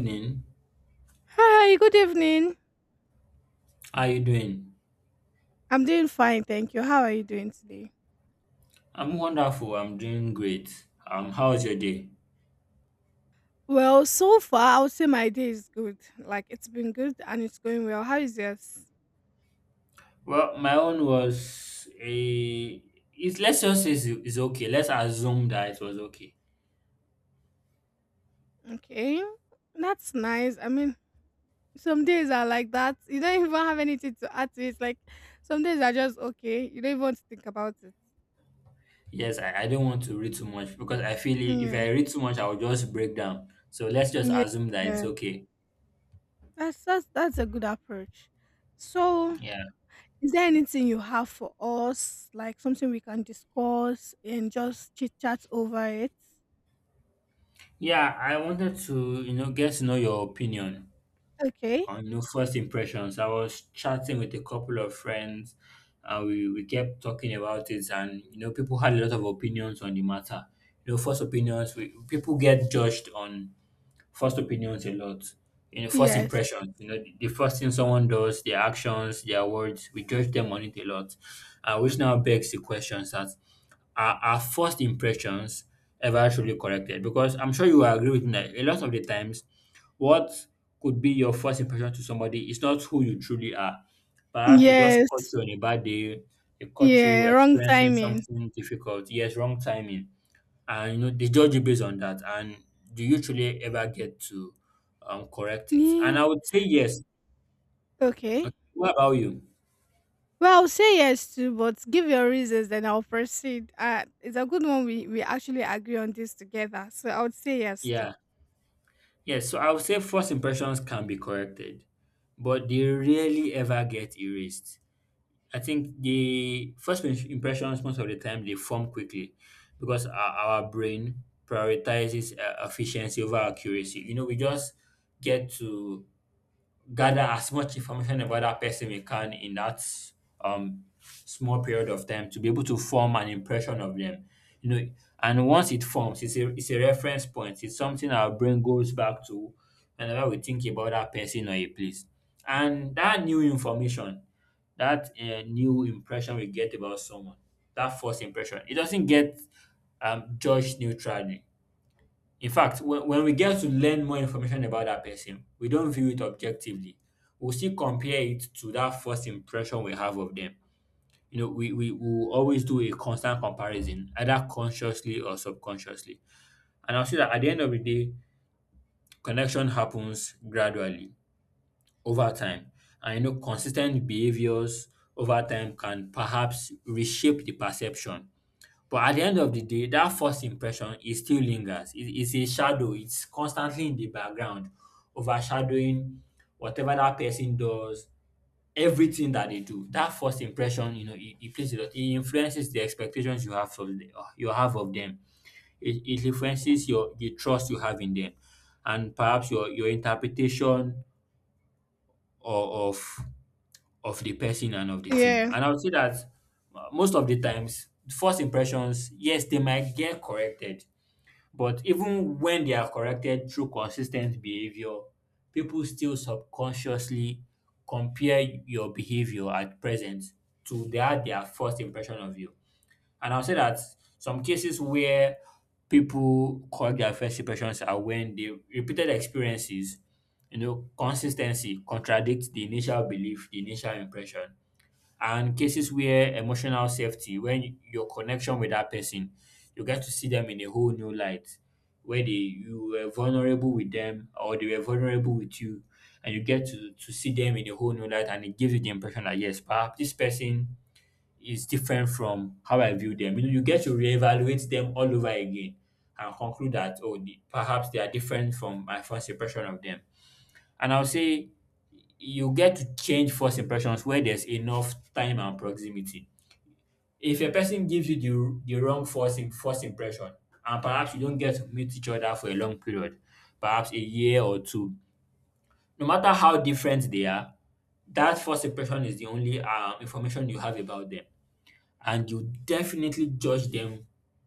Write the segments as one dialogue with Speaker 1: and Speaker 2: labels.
Speaker 1: Evening.
Speaker 2: Hi, good evening.
Speaker 1: How are you doing?
Speaker 2: I'm doing fine, thank you. How are you doing today?
Speaker 1: I'm wonderful. I'm doing great. How was your day?
Speaker 2: Well, so far, I would say my day is good. Like, it's been good and it's going well. How is yours?
Speaker 1: Well, my own was a. Let's just say it's okay. Let's assume that it was okay.
Speaker 2: Okay, that's nice. I mean, some days are like that. You don't even have anything to add to it. Like, some days are just okay. You don't even want to think about it.
Speaker 1: Yes, I don't want to read too much because I feel if
Speaker 2: Yeah,
Speaker 1: I read too much, I will just break down. So let's just
Speaker 2: yeah,
Speaker 1: assume that
Speaker 2: yeah.
Speaker 1: it's okay.
Speaker 2: That's a good approach. So,
Speaker 1: Yeah.
Speaker 2: is there anything you have for us, like something we can discuss and just chit chat over it?
Speaker 1: Yeah, I wanted to, you know, get to know your opinion
Speaker 2: Okay.
Speaker 1: on no first impressions. I was chatting with a couple of friends, and we kept talking about it, and you know, people had a lot of opinions on the matter. You know, first opinions we, people get judged on first opinions a lot. You know, first
Speaker 2: Yes.
Speaker 1: impressions. You know, the first thing someone does, their actions, their words, we judge them on it a lot. Which now begs the questions that are our first impressions ever truly corrected? Because I'm sure you will agree with me that a lot of the times, what could be your first impression to somebody is not who you truly are. Perhaps they just caught
Speaker 2: Yes.
Speaker 1: you on a bad day, they caught you
Speaker 2: Yeah, wrong
Speaker 1: experiencing
Speaker 2: timing.
Speaker 1: something difficult, yes, wrong timing, and you know, they judge you based on that. And do you truly ever get to correct it? And
Speaker 2: Yeah.
Speaker 1: I would say yes. Okay,
Speaker 2: Okay.
Speaker 1: what about you?
Speaker 2: Well, I'll say yes too, but give your reasons, then I'll proceed. It's a good one. We actually agree on this together, so I would say yes too.
Speaker 1: Yeah. Yes. So I would say first impressions can be corrected, but they rarely ever get erased. I think the first impressions most of the time they form quickly because our brain prioritizes efficiency over accuracy. You know, we just get to gather as much information about that person we can in that small period of time to be able to form an impression of them, you know. And once it forms, it's a, it's a reference point, it's something our brain goes back to whenever we think about that person or a place. And that new information, that new impression we get about someone, that first impression, it doesn't get judged neutrally. In fact, when we get to learn more information about that person, we don't view it objectively. We'll still compare it to that first impression we have of them. You know, we will always do a constant comparison, either consciously or subconsciously. And I'll say that at the end of the day, connection happens gradually over time. And you know, consistent behaviors over time can perhaps reshape the perception, but at the end of the day, that first impression, it still lingers. It, it's a shadow. It's constantly in the background, overshadowing whatever that person does, everything that they do. That first impression, you know, it plays a lot. It influences the expectations you have of the, you have of them. It influences your the trust you have in them, and perhaps your interpretation of of, of the person and of the thing.
Speaker 2: Yeah.
Speaker 1: And I would say that most of the times first impressions, yes, they might get corrected, but even when they are corrected through consistent behavior, people still subconsciously compare your behavior at present to that their first impression of you. And I'll say that some cases where people correct their first impressions are when the repeated experiences, you know, consistency contradicts the initial belief, the initial impression, and cases where emotional safety, when your connection with that person, you get to see them in a whole new light, where they you were vulnerable with them or they were vulnerable with you, and you get to see them in a whole new light, and it gives you the impression that yes, perhaps this person is different from how I view them. You know, you get to reevaluate them all over again and conclude that oh perhaps they are different from my first impression of them. And I'll say you get to change first impressions where there's enough time and proximity. If a person gives you the wrong first impression, and perhaps you don't get to meet each other for a long period, perhaps a year or two, no matter how different they are, that first impression is the only information you have about them. And you definitely judge them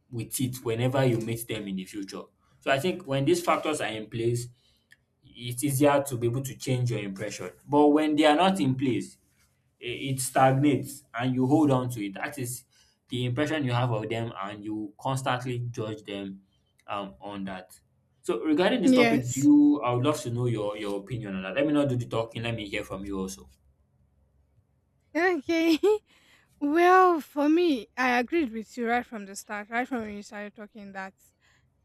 Speaker 1: with it whenever you meet them in the future. So I think when these factors are in place, it's easier to be able to change your impression. But when they are not in place, i- it stagnates and you hold on to it. That is the impression you have of them, and you constantly judge them on that. So regarding this topic, do
Speaker 2: Yes.
Speaker 1: you? I would love to know your opinion on that. Let me not do the talking. Let me hear from you also.
Speaker 2: Okay. Well, for me, I agreed with you right from the start, right from when you started talking that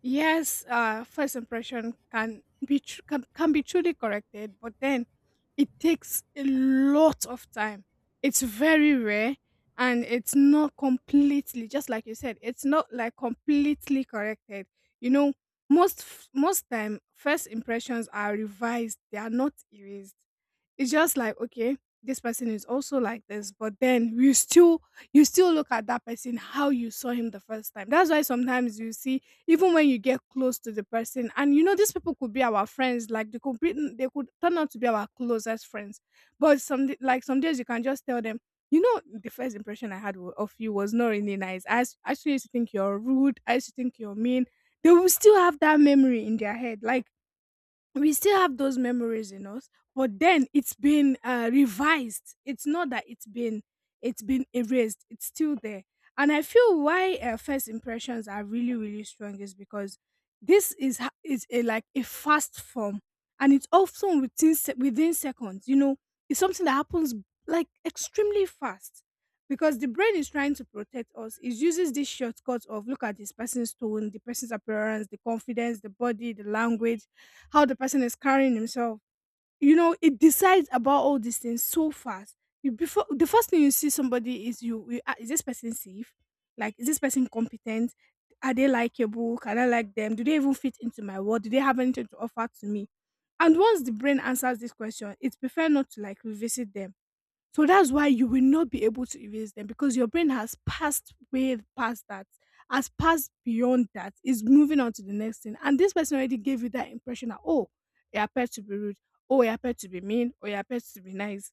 Speaker 2: yes, first impression can can be truly corrected, but then it takes a lot of time. It's very rare, and it's not completely just like you said. It's not like completely corrected. You know, most time first impressions are revised. They are not erased. It's just like okay, this person is also like this, but then you still look at that person how you saw him the first time. That's why sometimes you see even when you get close to the person, and you know these people could be our friends, like they could turn out to be our closest friends. But like some days you can just tell them, you know, the first impression I had of you was not really nice. I actually used to think you're rude. I used to think you're mean. They will still have that memory in their head. Like we still have those memories in us, but then it's been revised. It's not that it's been, it's been erased. It's still there. And I feel why first impressions are really strong is because this is like a fast form, and it's often within within seconds, you know. It's something that happens like extremely fast, because the brain is trying to protect us. It uses this shortcut of look at this person's tone, the person's appearance, the confidence, the body, the language, how the person is carrying himself. You know, it decides about all these things so fast. You before the first thing you see somebody is is this person safe? Like, is this person competent? Are they likable? Can I like them? Do they even fit into my world? Do they have anything to offer to me? And once the brain answers this question, it prefers not to like revisit them. So that's why you will not be able to erase them, because your brain has passed way past that, has passed beyond that, is moving on to the next thing. And this person already gave you that impression that, oh, he appeared to be rude, oh, he appeared to be mean, or he appeared to be nice.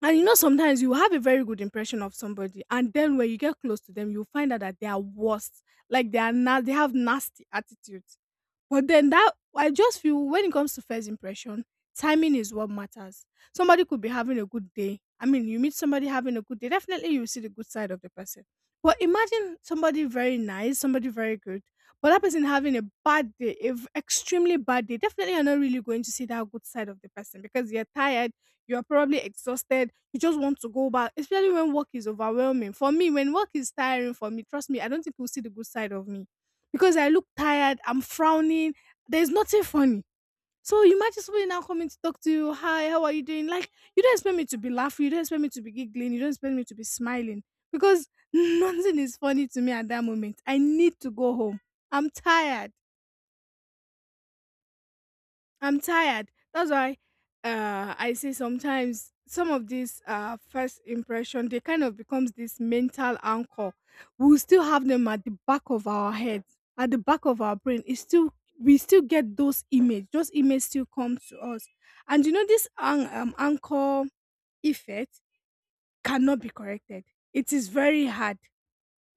Speaker 2: And you know, sometimes you have a very good impression of somebody, and then when you get close to them, you find out that they are worse. They have nasty attitudes. But then that, I just feel when it comes to first impression, timing is what matters. Somebody could be having a good day. I mean, you meet somebody having a good day, definitely you see the good side of the person. But imagine somebody very nice, somebody very good, but that person having a bad day, a extremely bad day. Definitely, you're not really going to see that good side of the person, because you're tired, you're probably exhausted, you just want to go back. Especially when work is overwhelming. For me, when work is tiring for me, trust me, I don't think you'll see the good side of me, because I look tired, I'm frowning, there's nothing funny. So you might just be now coming to talk to you. Hi, how are you doing? Like, you don't expect me to be laughing, you don't expect me to be giggling, you don't expect me to be smiling, because nothing is funny to me at that moment. I need to go home. I'm tired. I'm tired. That's why I say sometimes some of these first impression they kind of becomes this mental anchor. We still have them at the back of our heads, at the back of our brain. It's still We still get those images. Those images still come to us, and you know this anchor effect cannot be corrected. It is very hard.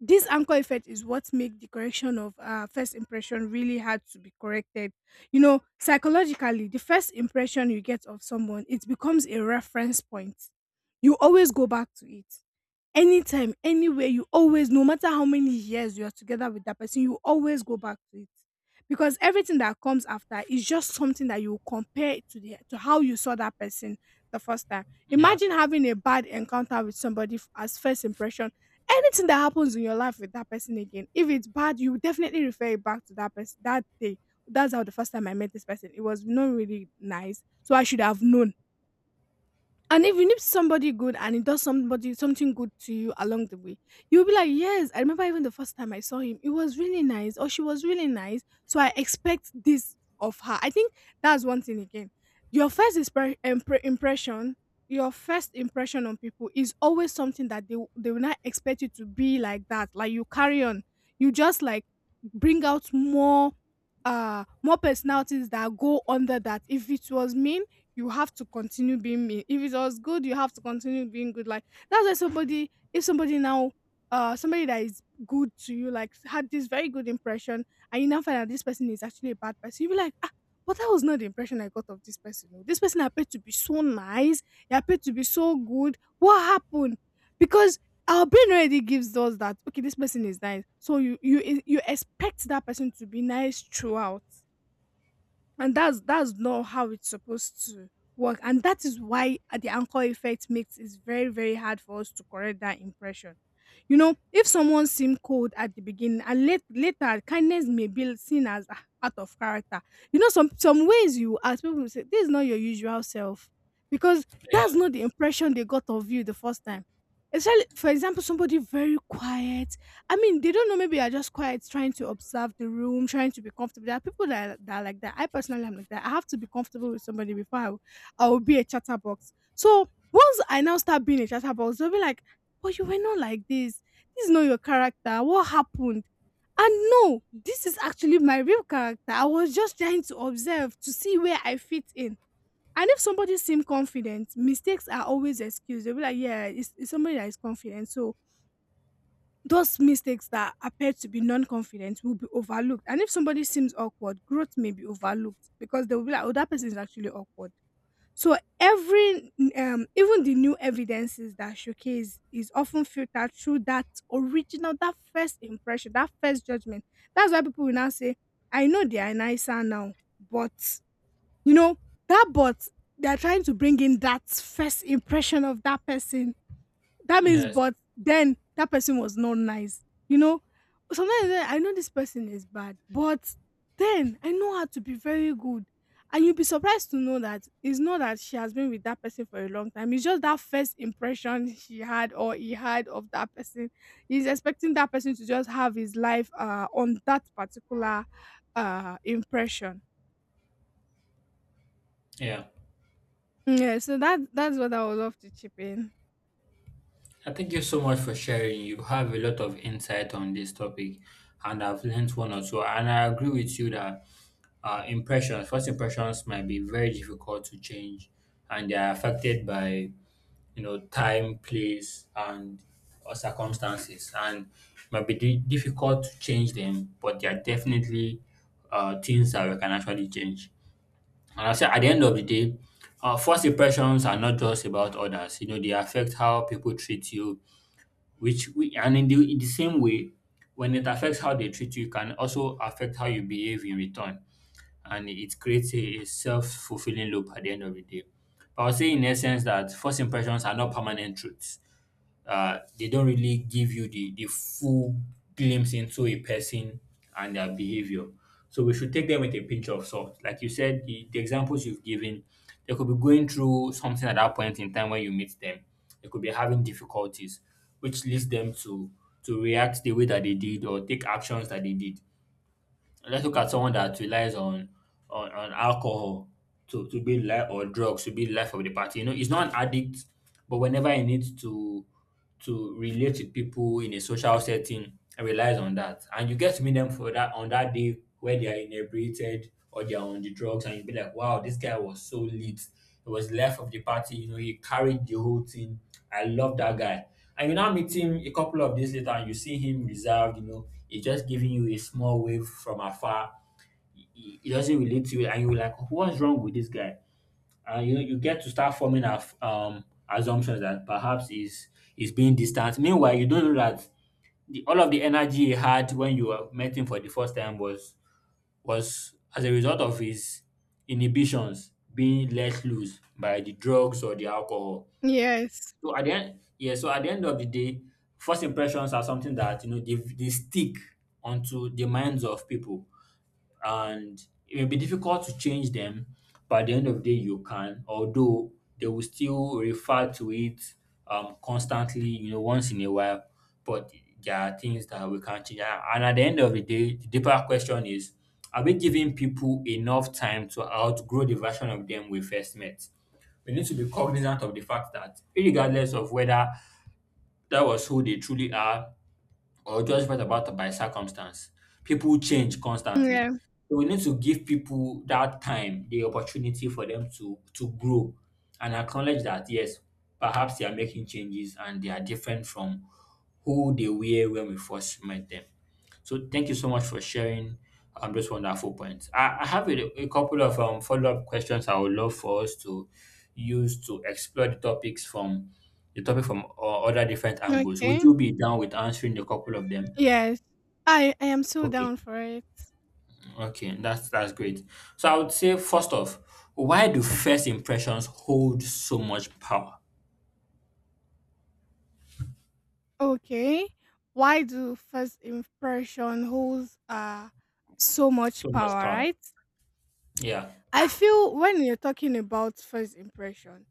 Speaker 2: This anchor effect is what makes the correction of first impression really hard to be corrected. You know, psychologically, the first impression you get of someone, it becomes a reference point. You always go back to it. Anytime, anywhere, you always, no matter how many years you are together with that person, you always go back to it. Because everything that comes after is just something that you compare it to, the to how you saw that person the first time.
Speaker 1: Yeah.
Speaker 2: Imagine having a bad encounter with somebody as first impression. Anything that happens in your life with that person again, if it's bad, you definitely refer it back to that person that day. That's how the first time I met this person, it was not really nice. So I should have known. And even if somebody good, and he does somebody something good to you along the way, you'll be like, yes, I remember even the first time I saw him, it was really nice, or she was really nice. So I expect this of her. I think that's one thing again. Your first impression, your first impression on people is always something that they will not expect you to be like that. Like, you carry on, you just like bring out more, more personalities that go under that. If it was mean, you have to continue being me. If it was good, you have to continue being good. Like that's why somebody, if somebody now, somebody that is good to you, like had this very good impression, and you now find out this person is actually a bad person, you be like, ah, but that was not the impression I got of this person. Oh. This person appeared to be so nice. He appeared to be so good. What happened? Because our brain already gives us that okay, this person is nice. So you expect that person to be nice throughout, and that's not how it's supposed to work. And that is why the anchor effect makes it very hard for us to correct that impression. You know, if someone seemed cold at the beginning, and late, later kindness may be seen as ah, out of character. You know, some ways you ask people will say this is not your usual self, because
Speaker 1: Yeah.
Speaker 2: that's not the impression they got of you the first time. Especially for example, somebody very quiet. I mean, they don't know. Maybe you're just quiet, trying to observe the room, trying to be comfortable. There are people that are like that. I personally am like that. I have to be comfortable with somebody before I will be a chatterbox. So once I now start being a chatterbox, they'll be like, "But you were not like this. This is not your character. What happened?" And no, this is actually my real character. I was just trying to observe to see where I fit in. And if somebody seems confident, mistakes are always excused. They'll be like, "Yeah, it's somebody that is confident." So those mistakes that appear to be non confident will be overlooked. And if somebody seems awkward, growth may be overlooked, because they will be like, oh, that person is actually awkward. So every even the new evidences that showcase is often filtered through that original, that first impression, that first judgment. That's why people will now say, I know they are nicer now, but you know, that but they are trying to bring in that first impression of that person. That means,
Speaker 1: Yes.
Speaker 2: but then that person was not nice. You know, sometimes eh, I know this person is bad, but then I know her to be very good. And you'll be surprised to know that it's not that she has been with that person for a long time. It's just that first impression she had or he had of that person. He's expecting that person to just have his life on that particular impression.
Speaker 1: Yeah.
Speaker 2: Yeah, so that's what I would love to chip in.
Speaker 1: Thank you so much for sharing. You have a lot of insight on this topic, and I've learned one or two. And I agree with you that impressions, first impressions, might be very difficult to change, and they are affected by, you know, time, place, and or circumstances, and might be difficult to change them. But they are definitely things that we can actually change. And I say at the end of the day, first impressions are not just about others. You know, they affect how people treat you, which we and in the same way, when it affects how they treat you, it can also affect how you behave in return. And it creates a self-fulfilling loop at the end of the day. But I would say in essence that first impressions are not permanent truths. They don't really give you the full glimpse into a person and their behavior. So we should take them with a pinch of salt. Like you said, the examples you've given, they could be going through something at that point in time when you meet them. They could be having difficulties, which leads them to react the way that they did or take actions that they did. Let's look at someone that relies on on alcohol to be life or drugs to be the life of the party. You know, he's not an addict, but whenever he needs to relate with people in a social setting and relies on that. And you get to meet them for that on that day where they are inebriated or they are on the drugs, and you be like, wow, this guy was so lit. He was left of the party. You know, he carried the whole thing. I love that guy. And you now meet him a couple of days later, and you see him reserved. You know, he's just giving you a small wave from afar. He doesn't relate to you, and you're like, what's wrong with this guy? And you know, you get to start forming assumptions that perhaps is being distant. Meanwhile, you don't know that all of the energy he had when you were met him for the first time was as a result of his inhibitions being let loose by the drugs or the alcohol.
Speaker 2: Yes.
Speaker 1: So at the end, yeah, so at the end of the day, first impressions are something that you know, they stick onto the minds of people, and it may be difficult to change them, but at the end of the day, you can. Although they will still refer to it constantly, you know, once in a while, but there are things that we can't change. And at the end of the day, the deeper question is, are we giving people enough time to outgrow the version of them we first met? We need to be cognizant of the fact that, regardless of whether that was who they truly are or judgment about by circumstance, people change
Speaker 2: Yeah.
Speaker 1: constantly. So we need to give people that time, the opportunity for them to grow, and acknowledge that yes, perhaps they are making changes and they are different from who they were when we first met them. So thank you so much for sharing those wonderful points. I have a couple of follow-up questions I would love for us to use to explore the topics from the topic from other different angles. Would
Speaker 2: Okay.
Speaker 1: you be down with answering a couple of them?
Speaker 2: Yes. I am so
Speaker 1: Okay,
Speaker 2: down for it.
Speaker 1: okay, that's great. So I would say first off, why do first impressions hold so much power?
Speaker 2: Okay. Why do first impression holds so
Speaker 1: So
Speaker 2: much
Speaker 1: much
Speaker 2: power,
Speaker 1: power.
Speaker 2: right?
Speaker 1: Yeah,
Speaker 2: I feel when you're talking about first impression,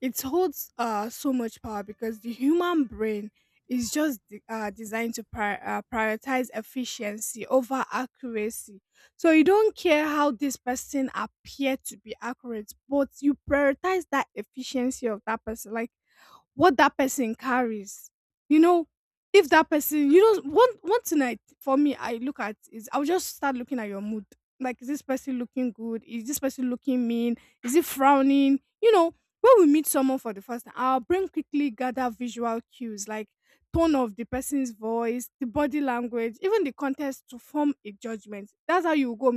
Speaker 2: it holds so much power because the human brain is just designed to prioritize efficiency over accuracy. So you don't care how this person appear to be accurate, but you prioritize that efficiency of that person. Like what that person carries. You know, if that person, you know, one thing I for me I look at is I'll just start looking at your mood. Like, is this person looking good? Is this person looking mean? Is it frowning? You know, when we meet someone for the first time, our brain quickly gather visual cues like tone of the person's voice, the body language, even the context to form a judgment. That's how you go.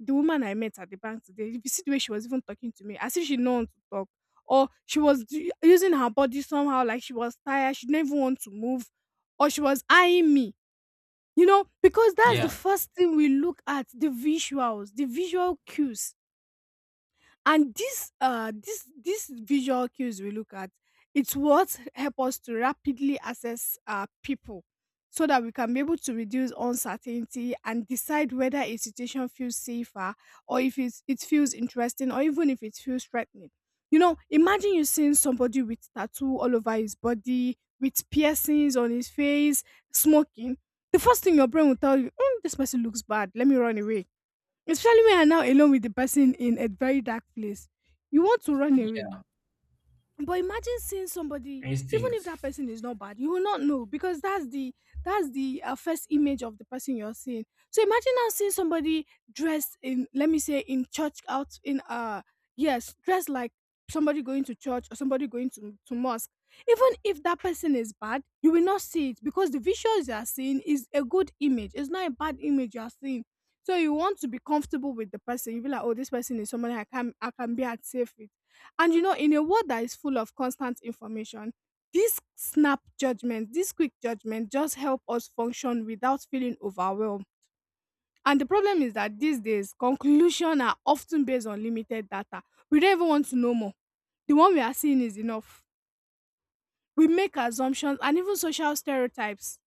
Speaker 2: The woman I met at the bank today, if you see the way she was even talking to me, as if she didn't want to talk, or she was using her body somehow, like she was tired, she didn't even want to move, or she was eyeing me. You know, because that's the
Speaker 1: yeah.
Speaker 2: first thing we look at, the visuals, the visual cues. And this visual cues we look at, it's what help us to rapidly assess people so that we can be able to reduce uncertainty and decide whether a situation feels safer, or if it feels interesting, or even if it feels threatening. You know, imagine you seeing somebody with tattoo all over his body with piercings on his face, smoking. The first thing your brain will tell you, "Mm, this person looks bad, let me run away." Especially when you're now alone with the person in a very dark place. You want to run away. But imagine seeing somebody, even if
Speaker 1: Instinct.
Speaker 2: that person is not bad, you will not know because that's the first image of the person you're seeing. So imagine now seeing somebody dressed in, let me say, in church out in yes, dressed like somebody going to church or somebody going to mosque. Even if that person is bad, you will not see it because the visuals you are seeing is a good image. It's not a bad image you are seeing. So you want to be comfortable with the person. You be like, oh, this person is somebody I can be at safe with. And you know, in a world that is full of constant information, this snap judgment, this quick judgment just help us function without feeling overwhelmed. And the problem is that these days, conclusions are often based on limited data. We don't even want to know more. The one we are seeing is enough. We make assumptions and even social stereotypes.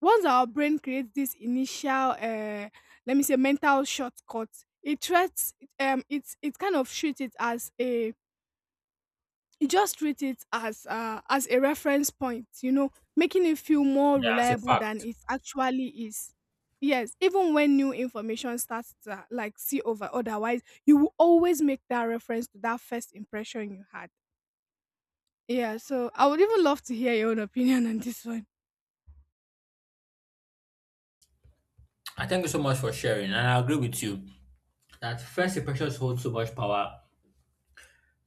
Speaker 2: Once our brain creates this initial, let me say, mental shortcut, it treats, it kind of treats it as a, you just treat it as a reference point, you know, making it feel more
Speaker 1: Yeah, as a
Speaker 2: reliable than
Speaker 1: fact.
Speaker 2: it actually is. Yes, even when new information starts to like see over otherwise, you will always make that reference to that first impression you had. Yeah, so I would even love to hear your own opinion on this one.
Speaker 1: I thank you so much for sharing, and I agree with you that first impressions hold so much power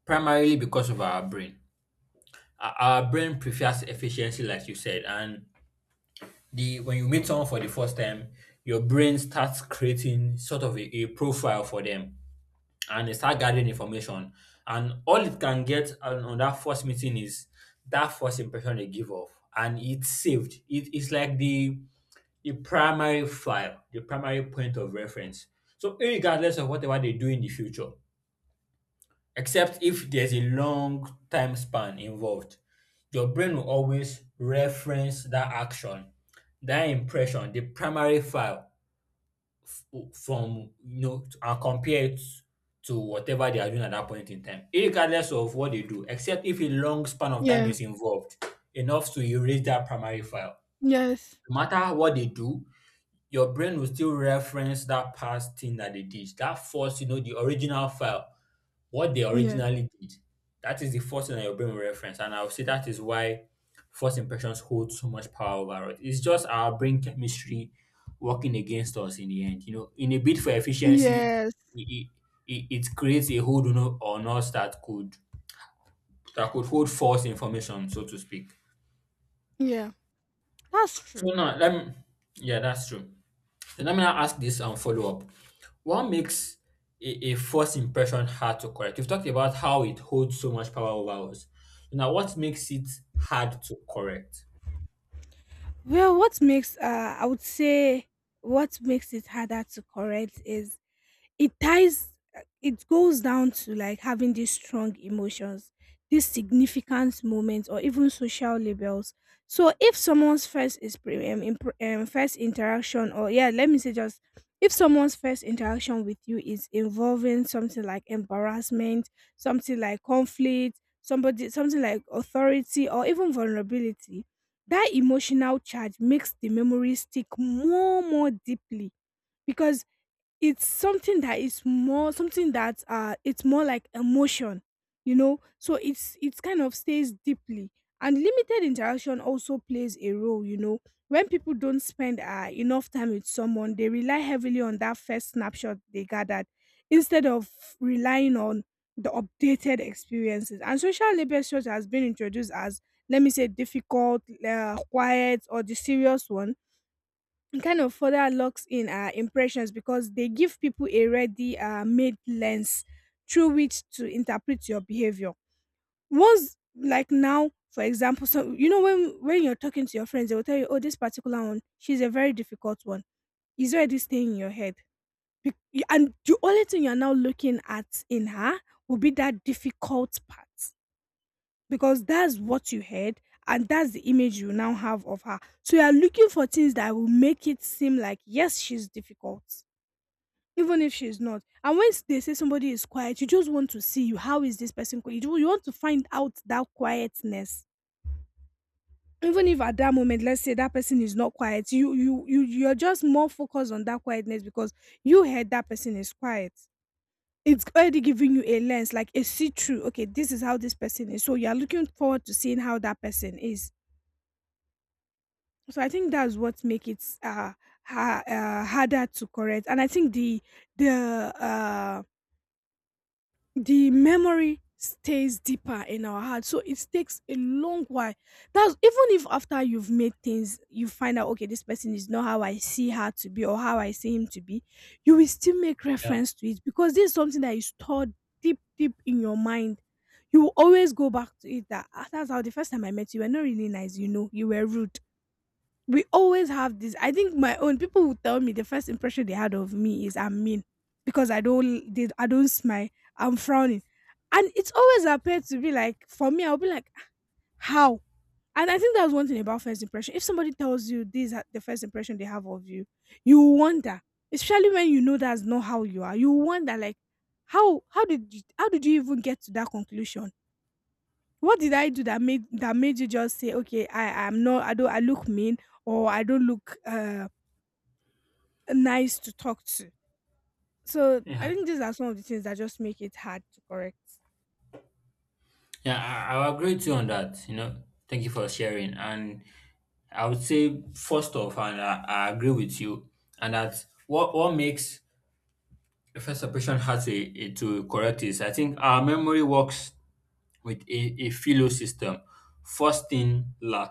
Speaker 1: primarily because of our brain. Our brain prefers efficiency, like you said, and the when you meet someone for the first time, your brain starts creating sort of a profile for them and they start gathering information. And all it can get on that first meeting is that first impression they give off, and it's saved. It's like the primary file, the primary point of reference. So regardless of whatever they do in the future, except if there's a long time span involved, your brain will always reference that action, that impression, the primary file from and compare it to whatever they are doing at that point in time, regardless of what they do, except if a long span of time
Speaker 2: Yeah.
Speaker 1: is involved enough to erase that primary file.
Speaker 2: Yes.
Speaker 1: No matter what they do, your brain will still reference that past thing that they did, that first, the original file what they
Speaker 2: Yeah.
Speaker 1: originally did. That is the first thing that your brain will reference. And I would say that is why first impressions hold so much power over us. It's just our brain chemistry working against us in the end. You know, in a bid for efficiency,
Speaker 2: Yes.
Speaker 1: it, it creates a hold on us that could hold false information, so to speak.
Speaker 2: Yeah, that's
Speaker 1: So
Speaker 2: true.
Speaker 1: now let me Yeah, that's true. So let me now ask this and follow up. What makes a first impression hard to, correct? We've talked about how it holds so much power over us. Now, what makes it hard to correct?
Speaker 2: Well, what makes I would say what makes it harder to correct is it ties, it goes down to like having these strong emotions, these significant moments or even social labels. So if someone's first is pre- impr- first interaction or yeah let me say just, if someone's first interaction with you is involving something like embarrassment, something like conflict, somebody something like authority or even vulnerability, that emotional charge makes the memory stick more deeply, because it's something that is more, something that it's more like emotion, you know, so it's kind of stays deeply. And limited interaction also plays a role, you know, when people don't spend enough time with someone, they rely heavily on that first snapshot they gathered instead of relying on the updated experiences. And social labels such has been introduced as, let me say, difficult, quiet, or the serious one, kind of further locks in our impressions because they give people a ready made lens through which to interpret your behavior. Once, like now, for example, so you know when you're talking to your friends, they will tell you, "Oh, this particular one, she's a very difficult one." Is already staying in your head. You- and the only thing you're now looking at in her will be that difficult part, because that's what you heard and that's the image you now have of her. So you are looking for things that will make it seem like yes, she's difficult, even if she's not. And when they say somebody is quiet, you just want to see, you, how is this person quiet. You want to find out that quietness. Even if at that moment, let's say that person is not quiet, you're just more focused on that quietness because you heard that person is quiet. It's already giving you a lens, like a see-through. Okay, this is how this person is. So you are looking forward to seeing how that person is. So I think that's what make it harder to correct, and I think the uh the memory stays deeper in our heart. So it takes a long while. That's even if after you've made things, you find out okay, this person is not how I see her to be or how I see him to be, you will still make
Speaker 1: Yeah,
Speaker 2: reference to it because this is something that is stored deep in your mind. You will always go back to it, that, "Ah, that's how the first time I met you, you were not really nice, you know, you were rude." We always have this. I think my own people will tell me the first impression they had of me is I'm mean, because I don't smile. I'm frowning, and it's always appeared to be like for me. I'll be like, how? And I think that's one thing about first impression. If somebody tells you this is the first impression they have of you, you will wonder, especially when you know that's not how you are. You will wonder like, how did you even get to that conclusion? What did I do that made you just say, "Okay, I am not. I don't. I look mean, or I don't look nice to talk to." So I
Speaker 1: yeah,
Speaker 2: think these are some of the things that just make it hard to correct.
Speaker 1: yeah. I agree with you on that. You know, thank you for sharing. And I would say first off, and I agree with you, and that what makes a first impression hard to, to correct is I think our memory works with a philo system first in la,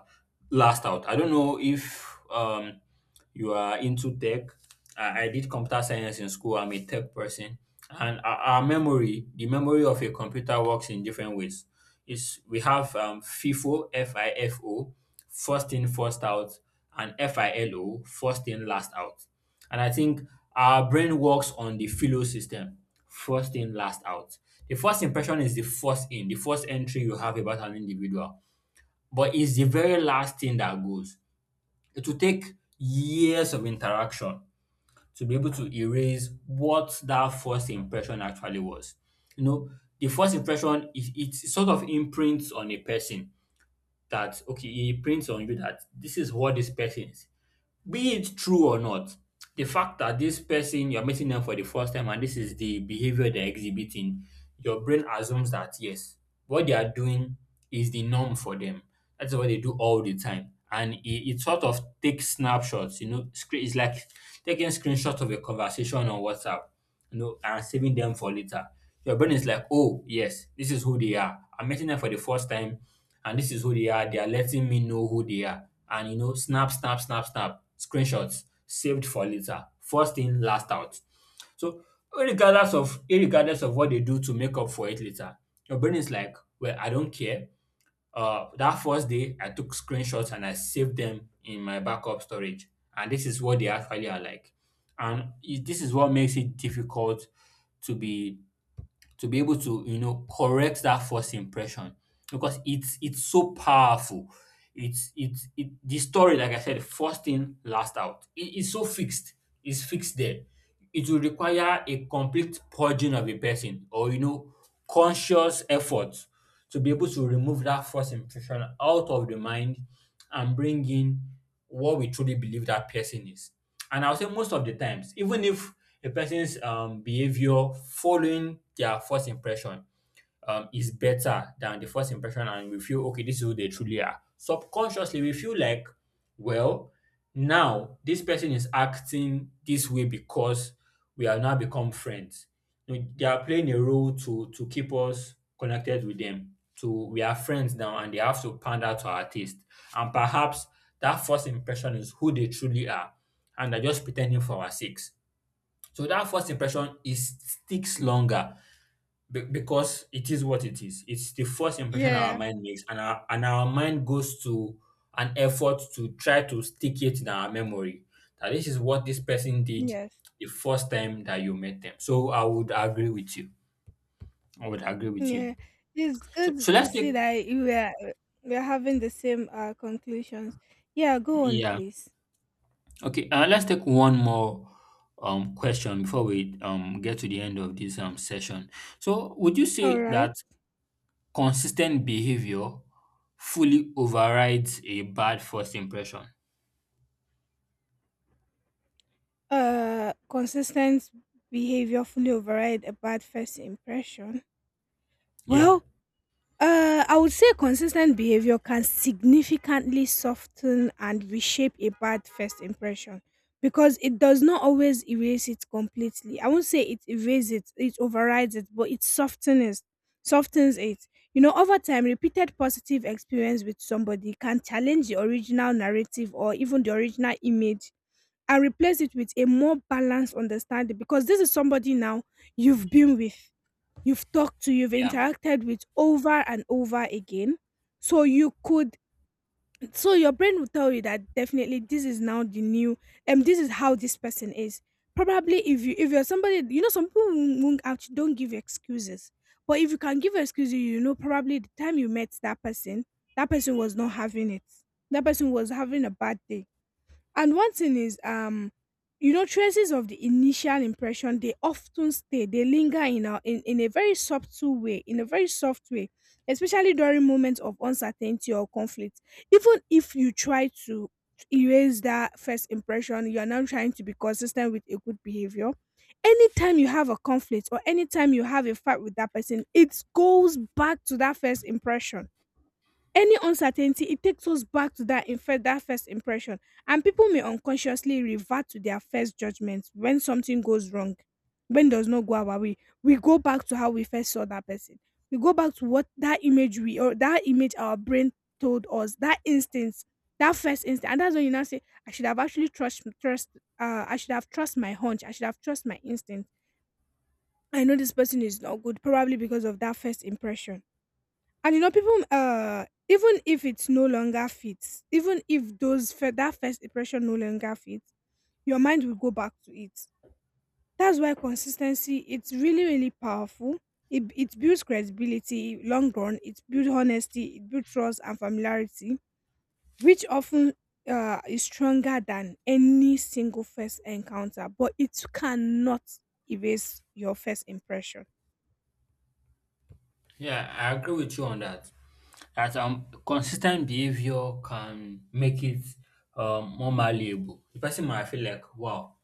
Speaker 1: last out. I don't know if you are into tech. I did computer science in school. I'm a tech person. And our memory, the memory of a computer works in different ways. It's, we have FIFO, F I F O, first in, first out, and FILO, first in, last out. And I think our brain works on the FILO system, first in, last out. The first impression is the first in, the first entry you have about an individual, but it's the very last thing that goes. It will take years of interaction to be able to erase what that first impression actually was. You know, the first impression is it sort of imprints on a person that okay, it imprints on you that this is what this person is, be it true or not. The fact that this person you're meeting them for the first time and this is the behavior they're exhibiting, your brain assumes that yes, what they are doing is the norm for them. That's what they do all the time. And it sort of takes snapshots, you know, it's like taking screenshots of a conversation on WhatsApp, you know, and saving them for later. Your brain is like, oh, yes, this is who they are. I'm meeting them for the first time, and this is who they are. They are letting me know who they are. And, you know, snap, snap, snap, snap, screenshots saved for later. First in, last out. So, regardless of what they do to make up for it later, your brain is like, well, I don't care. That first day, I took screenshots and I saved them in my backup storage. And this is what they actually are like. And this is what makes it difficult to be to be able to, you know, correct that first impression because it's so powerful. It's it's it the story, like I said, first in, last out. It is so fixed, it's fixed there. It will require a complete purging of a person or, you know, conscious effort to be able to remove that first impression out of the mind and bring in what we truly believe that person is. And I'll say most of the times, even if a person's behavior following their first impression is better than the first impression and we feel okay, this is who they truly are, subconsciously we feel like, well, now this person is acting this way because we have now become friends, you know, they are playing a role to keep us connected with them, so we are friends now and they have to pander to our taste and perhaps that first impression is who they truly are and they're just pretending for our sakes. So that first impression is sticks longer because it is what it is. It's the first impression our
Speaker 2: Yeah.
Speaker 1: mind makes, and our mind goes to an effort to try to stick it in our memory that this is what this person did
Speaker 2: Yes.
Speaker 1: the first time that you met them. So I would agree with you. I would agree with you.
Speaker 2: Yeah. It's
Speaker 1: So, so
Speaker 2: good to
Speaker 1: let's
Speaker 2: see
Speaker 1: take
Speaker 2: that you are, we are having the same conclusions. Yeah, go on
Speaker 1: Yeah,
Speaker 2: please.
Speaker 1: okay. Let's take one more question before we get to the end of this session. So would you
Speaker 2: All
Speaker 1: say
Speaker 2: right.
Speaker 1: that consistent behavior fully overrides a bad first impression.
Speaker 2: Uh, consistent behavior fully override a bad first impression.
Speaker 1: Yeah,
Speaker 2: Well, I would say consistent behavior can significantly soften and reshape a bad first impression, because it does not always erase it completely. I won't say it erases it, it overrides it, but it softens it. You know, over time, repeated positive experience with somebody can challenge the original narrative or even the original image and replace it with a more balanced understanding, because this is somebody now you've been with, you've talked to, you've
Speaker 1: yeah,
Speaker 2: interacted with over and over again. So you could, so your brain will tell you that definitely this is now the new, and this is how this person is. Probably if you if you're somebody, you know, some people won't actually don't give you excuses. But if you can give excuses, you know, probably the time you met that person was not having it. That person was having a bad day. And one thing is, you know, traces of the initial impression they often stay, they linger in in a very subtle way, in a very soft way, especially during moments of uncertainty or conflict. Even if you try to erase that first impression, you are now trying to be consistent with a good behavior. Anytime you have a conflict or anytime you have a fight with that person, it goes back to that first impression. Any uncertainty, it takes us back to that first impression, and people may unconsciously revert to their first judgment when something goes wrong, when does not go our way. We go back to how we first saw that person. We go back to what that image we, or that image our brain told us, that instinct, that first instinct, and that's when you now say, I should have actually trust. I should have trust my hunch. I should have trust my instinct. I know this person is not good, probably because of that first impression. And you know, people, even if it's no longer fits, even if that first impression no longer fits, your mind will go back to it. That's why consistency it's really really powerful. It builds credibility long run. It builds honesty. It builds trust and familiarity, which often is stronger than any single first encounter. But it cannot erase your first impression.
Speaker 1: yeah. I agree with you on that. That consistent behavior can make it more malleable. The person might feel like, wow,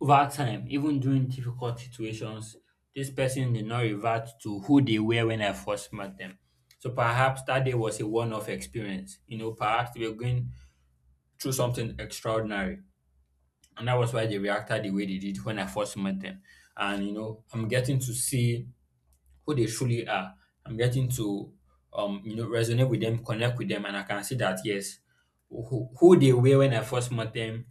Speaker 1: over time, even during difficult situations, this person did not revert to who they were when I first met them. So perhaps that day was a one-off experience. You know, perhaps they were going through something extraordinary, and that was why they reacted the way they did when I first met them. And, you know, I'm getting to see who they truly are. I'm getting to, you know, resonate with them, connect with them, and I can see that yes, who they were when I first met them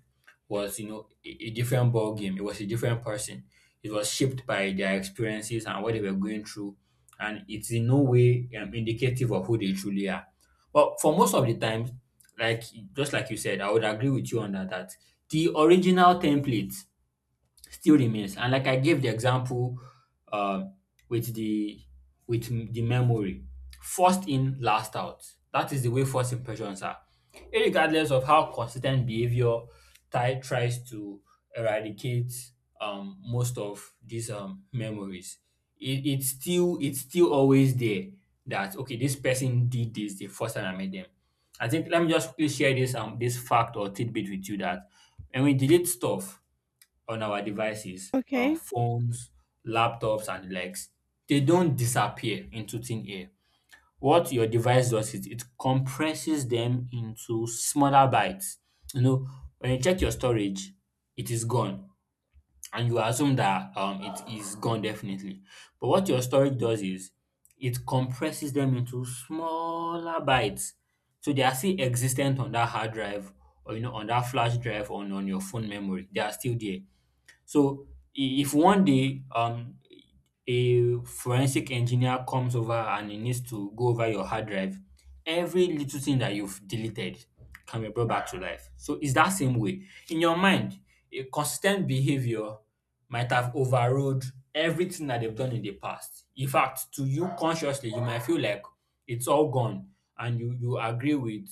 Speaker 1: was, you know, a different ball game. It was a different person. It was shaped by their experiences and what they were going through, and it's in no way indicative of who they truly are. But for most of the times, like just like you said, I would agree with you on that. That the original template still remains. And like I gave the example um, with the the memory, first in, last out. That is the way first impressions are. Irregardless of how consistent behavior Ty tries to eradicate most of these memories, it's still always there that okay, this person did this the first time I met them. I think let me just quickly share this this fact or tidbit with you, that when we delete stuff on our devices,
Speaker 2: Okay.
Speaker 1: phones, laptops, and the likes, they don't disappear into thin air. What your device does is it compresses them into smaller bytes. You know, when you check your storage, it is gone, and you assume that it is gone definitely. But what your storage does is it compresses them into smaller bytes. So they are still existent on that hard drive or, you know, on that flash drive or on your phone memory. They are still there. So if one day a forensic engineer comes over and he needs to go over your hard drive, every little thing that you've deleted can be brought back to life. So it's that same way. In your mind, a consistent behavior might have overrode everything that they've done in the past. In fact, to you consciously, you might feel like it's all gone and you agree with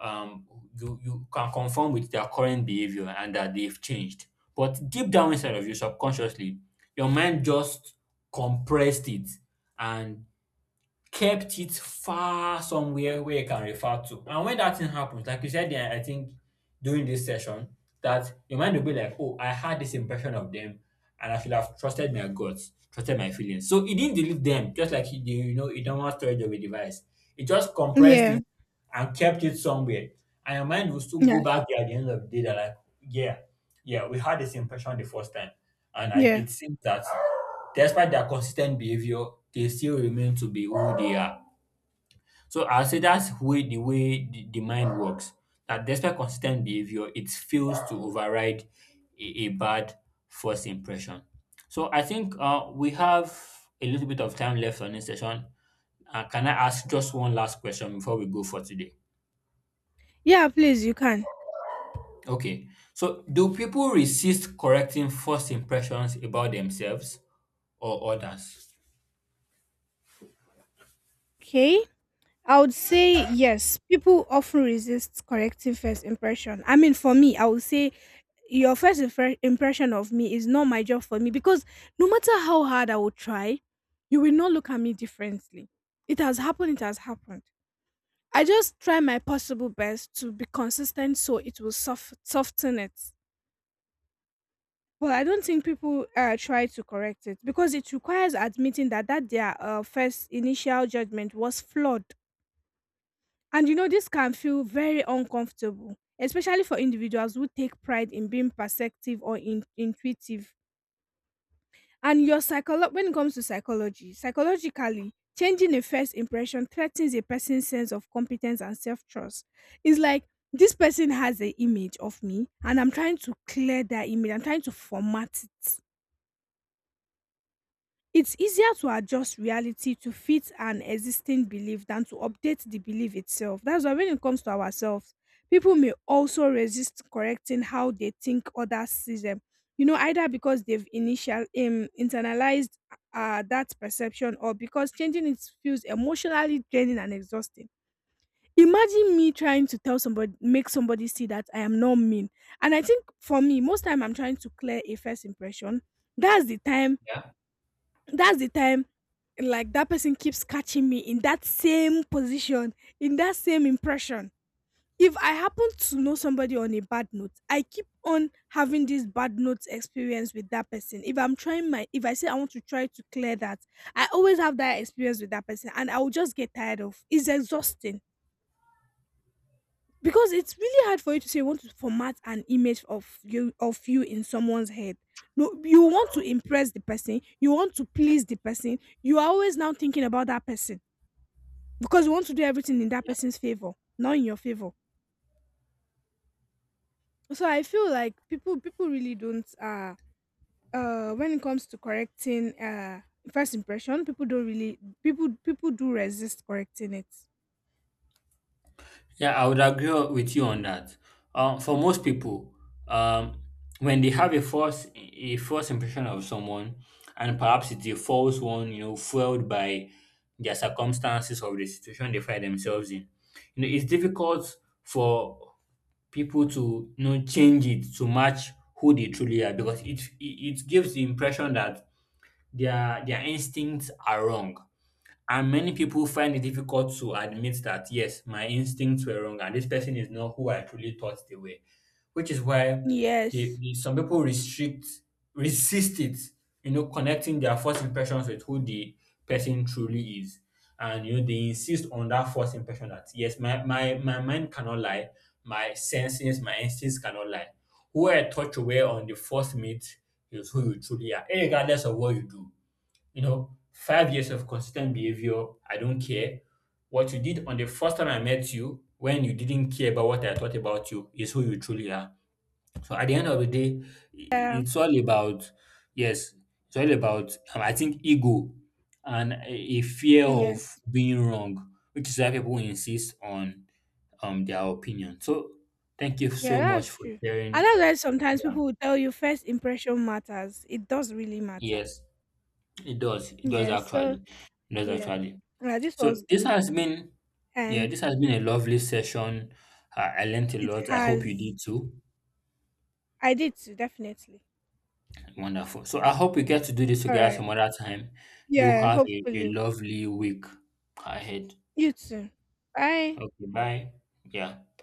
Speaker 1: um, you can conform with their current behavior and that they've changed. But deep down inside of you, subconsciously, your mind just compressed it and kept it far somewhere where you can refer to. And when that thing happens, like you said, there, I think during this session, that your mind will be like, oh, I had this impression of them and I should have trusted my guts, trusted my feelings. So it didn't delete them, just like you know, a normal storage of a device. It just compressed
Speaker 2: Yeah.
Speaker 1: it and kept it somewhere. And your mind will still go
Speaker 2: Yes.
Speaker 1: back there at the end of the day that like, yeah, yeah, we had this impression the first time. And
Speaker 2: Yeah.
Speaker 1: it seems that despite their consistent behavior, they still remain to be who they are. So I'll say that's way the way the mind works. That despite consistent behavior, it fails to override a bad first impression. So I think we have a little bit of time left on this session. Can I ask just one last question before we go for today?
Speaker 2: Yeah, please, you can.
Speaker 1: Okay. So do people resist correcting first impressions about themselves or others?
Speaker 2: Okay. I would say yes. People often resist correcting first impression. I mean, for me, I would say your impression of me is not my job for me because no matter how hard I would try, you will not look at me differently. It has happened. It has happened. I just try my possible best to be consistent so it will soften it. But I don't think people try to correct it because it requires admitting that their first initial judgment was flawed. And you know, this can feel very uncomfortable, especially for individuals who take pride in being perceptive or intuitive. And when it comes to psychology, psychologically, changing a first impression threatens a person's sense of competence and self trust. It's like this person has an image of me, and I'm trying to clear that image. I'm trying to format it. It's easier to adjust reality to fit an existing belief than to update the belief itself. That's why when it comes to ourselves, people may also resist correcting how they think others see them. You know, either because they've initial internalized that perception or because changing it feels emotionally draining and exhausting. Imagine me trying to tell somebody, make somebody see that I am not mean. And I think for me, most time I'm trying to clear a first impression. That's the time
Speaker 1: Yeah.
Speaker 2: that's the time, like, that person keeps catching me in that same position, in that same impression. If I happen to know somebody on a bad note, I keep on having this bad note experience with that person. If I say I want to try to clear that, I always have that experience with that person and I will just get tired of. It's exhausting because it's really hard for you to say you want to format an image of you in someone's head. No, you want to impress the person, you want to please the person, you are always now thinking about that person because you want to do everything in that person's favor, not in your favor. So I feel like people really don't when it comes to correcting first impression, people don't really people do resist correcting it.
Speaker 1: Yeah, I would agree with you on that. For most people, um, when they have a first impression of someone, and perhaps it's a false one, you know, fueled by their circumstances or the situation they find themselves in, you know, it's difficult for people to, you know, change it to match who they truly are because it gives the impression that their instincts are wrong and many people find it difficult to admit that, yes, my instincts were wrong and this person is not who I truly thought they were, which is why they,
Speaker 2: Yes.
Speaker 1: they- some people resist it, you know, connecting their first impressions with who the person truly is. And, you know, they insist on that first impression that, yes, my mind cannot lie, my senses, my instincts cannot lie. Who I thought you were on the first meet is who you truly are, regardless of what you do, you know, 5 years of consistent behavior, I don't care. What you did on the first time I met you, when you didn't care about what I thought about you, is who you truly are. So at the end of the day,
Speaker 2: Yeah.
Speaker 1: it's all about, yes, I think, ego and a fear of
Speaker 2: Yes.
Speaker 1: being wrong, which is why people insist on their opinion. So thank you
Speaker 2: Yeah,
Speaker 1: so much
Speaker 2: that's
Speaker 1: for
Speaker 2: true. And
Speaker 1: sharing.
Speaker 2: that's why sometimes
Speaker 1: Yeah.
Speaker 2: people will tell you first impression matters. It does really matter.
Speaker 1: Yes, it does. It does
Speaker 2: Yeah. So
Speaker 1: actually. It does
Speaker 2: yeah.
Speaker 1: actually.
Speaker 2: Yeah, this
Speaker 1: So
Speaker 2: was
Speaker 1: this
Speaker 2: good.
Speaker 1: has been, yeah,
Speaker 2: And
Speaker 1: this has been a lovely session. I learned a
Speaker 2: it
Speaker 1: lot. I hope you
Speaker 2: has.
Speaker 1: did too.
Speaker 2: I did too, definitely.
Speaker 1: Wonderful. So I hope we get to do this
Speaker 2: All
Speaker 1: together
Speaker 2: right.
Speaker 1: some other time. Do
Speaker 2: Yeah,
Speaker 1: have a
Speaker 2: hopefully.
Speaker 1: lovely week ahead.
Speaker 2: You too. Bye.
Speaker 1: Okay, bye. Yeah.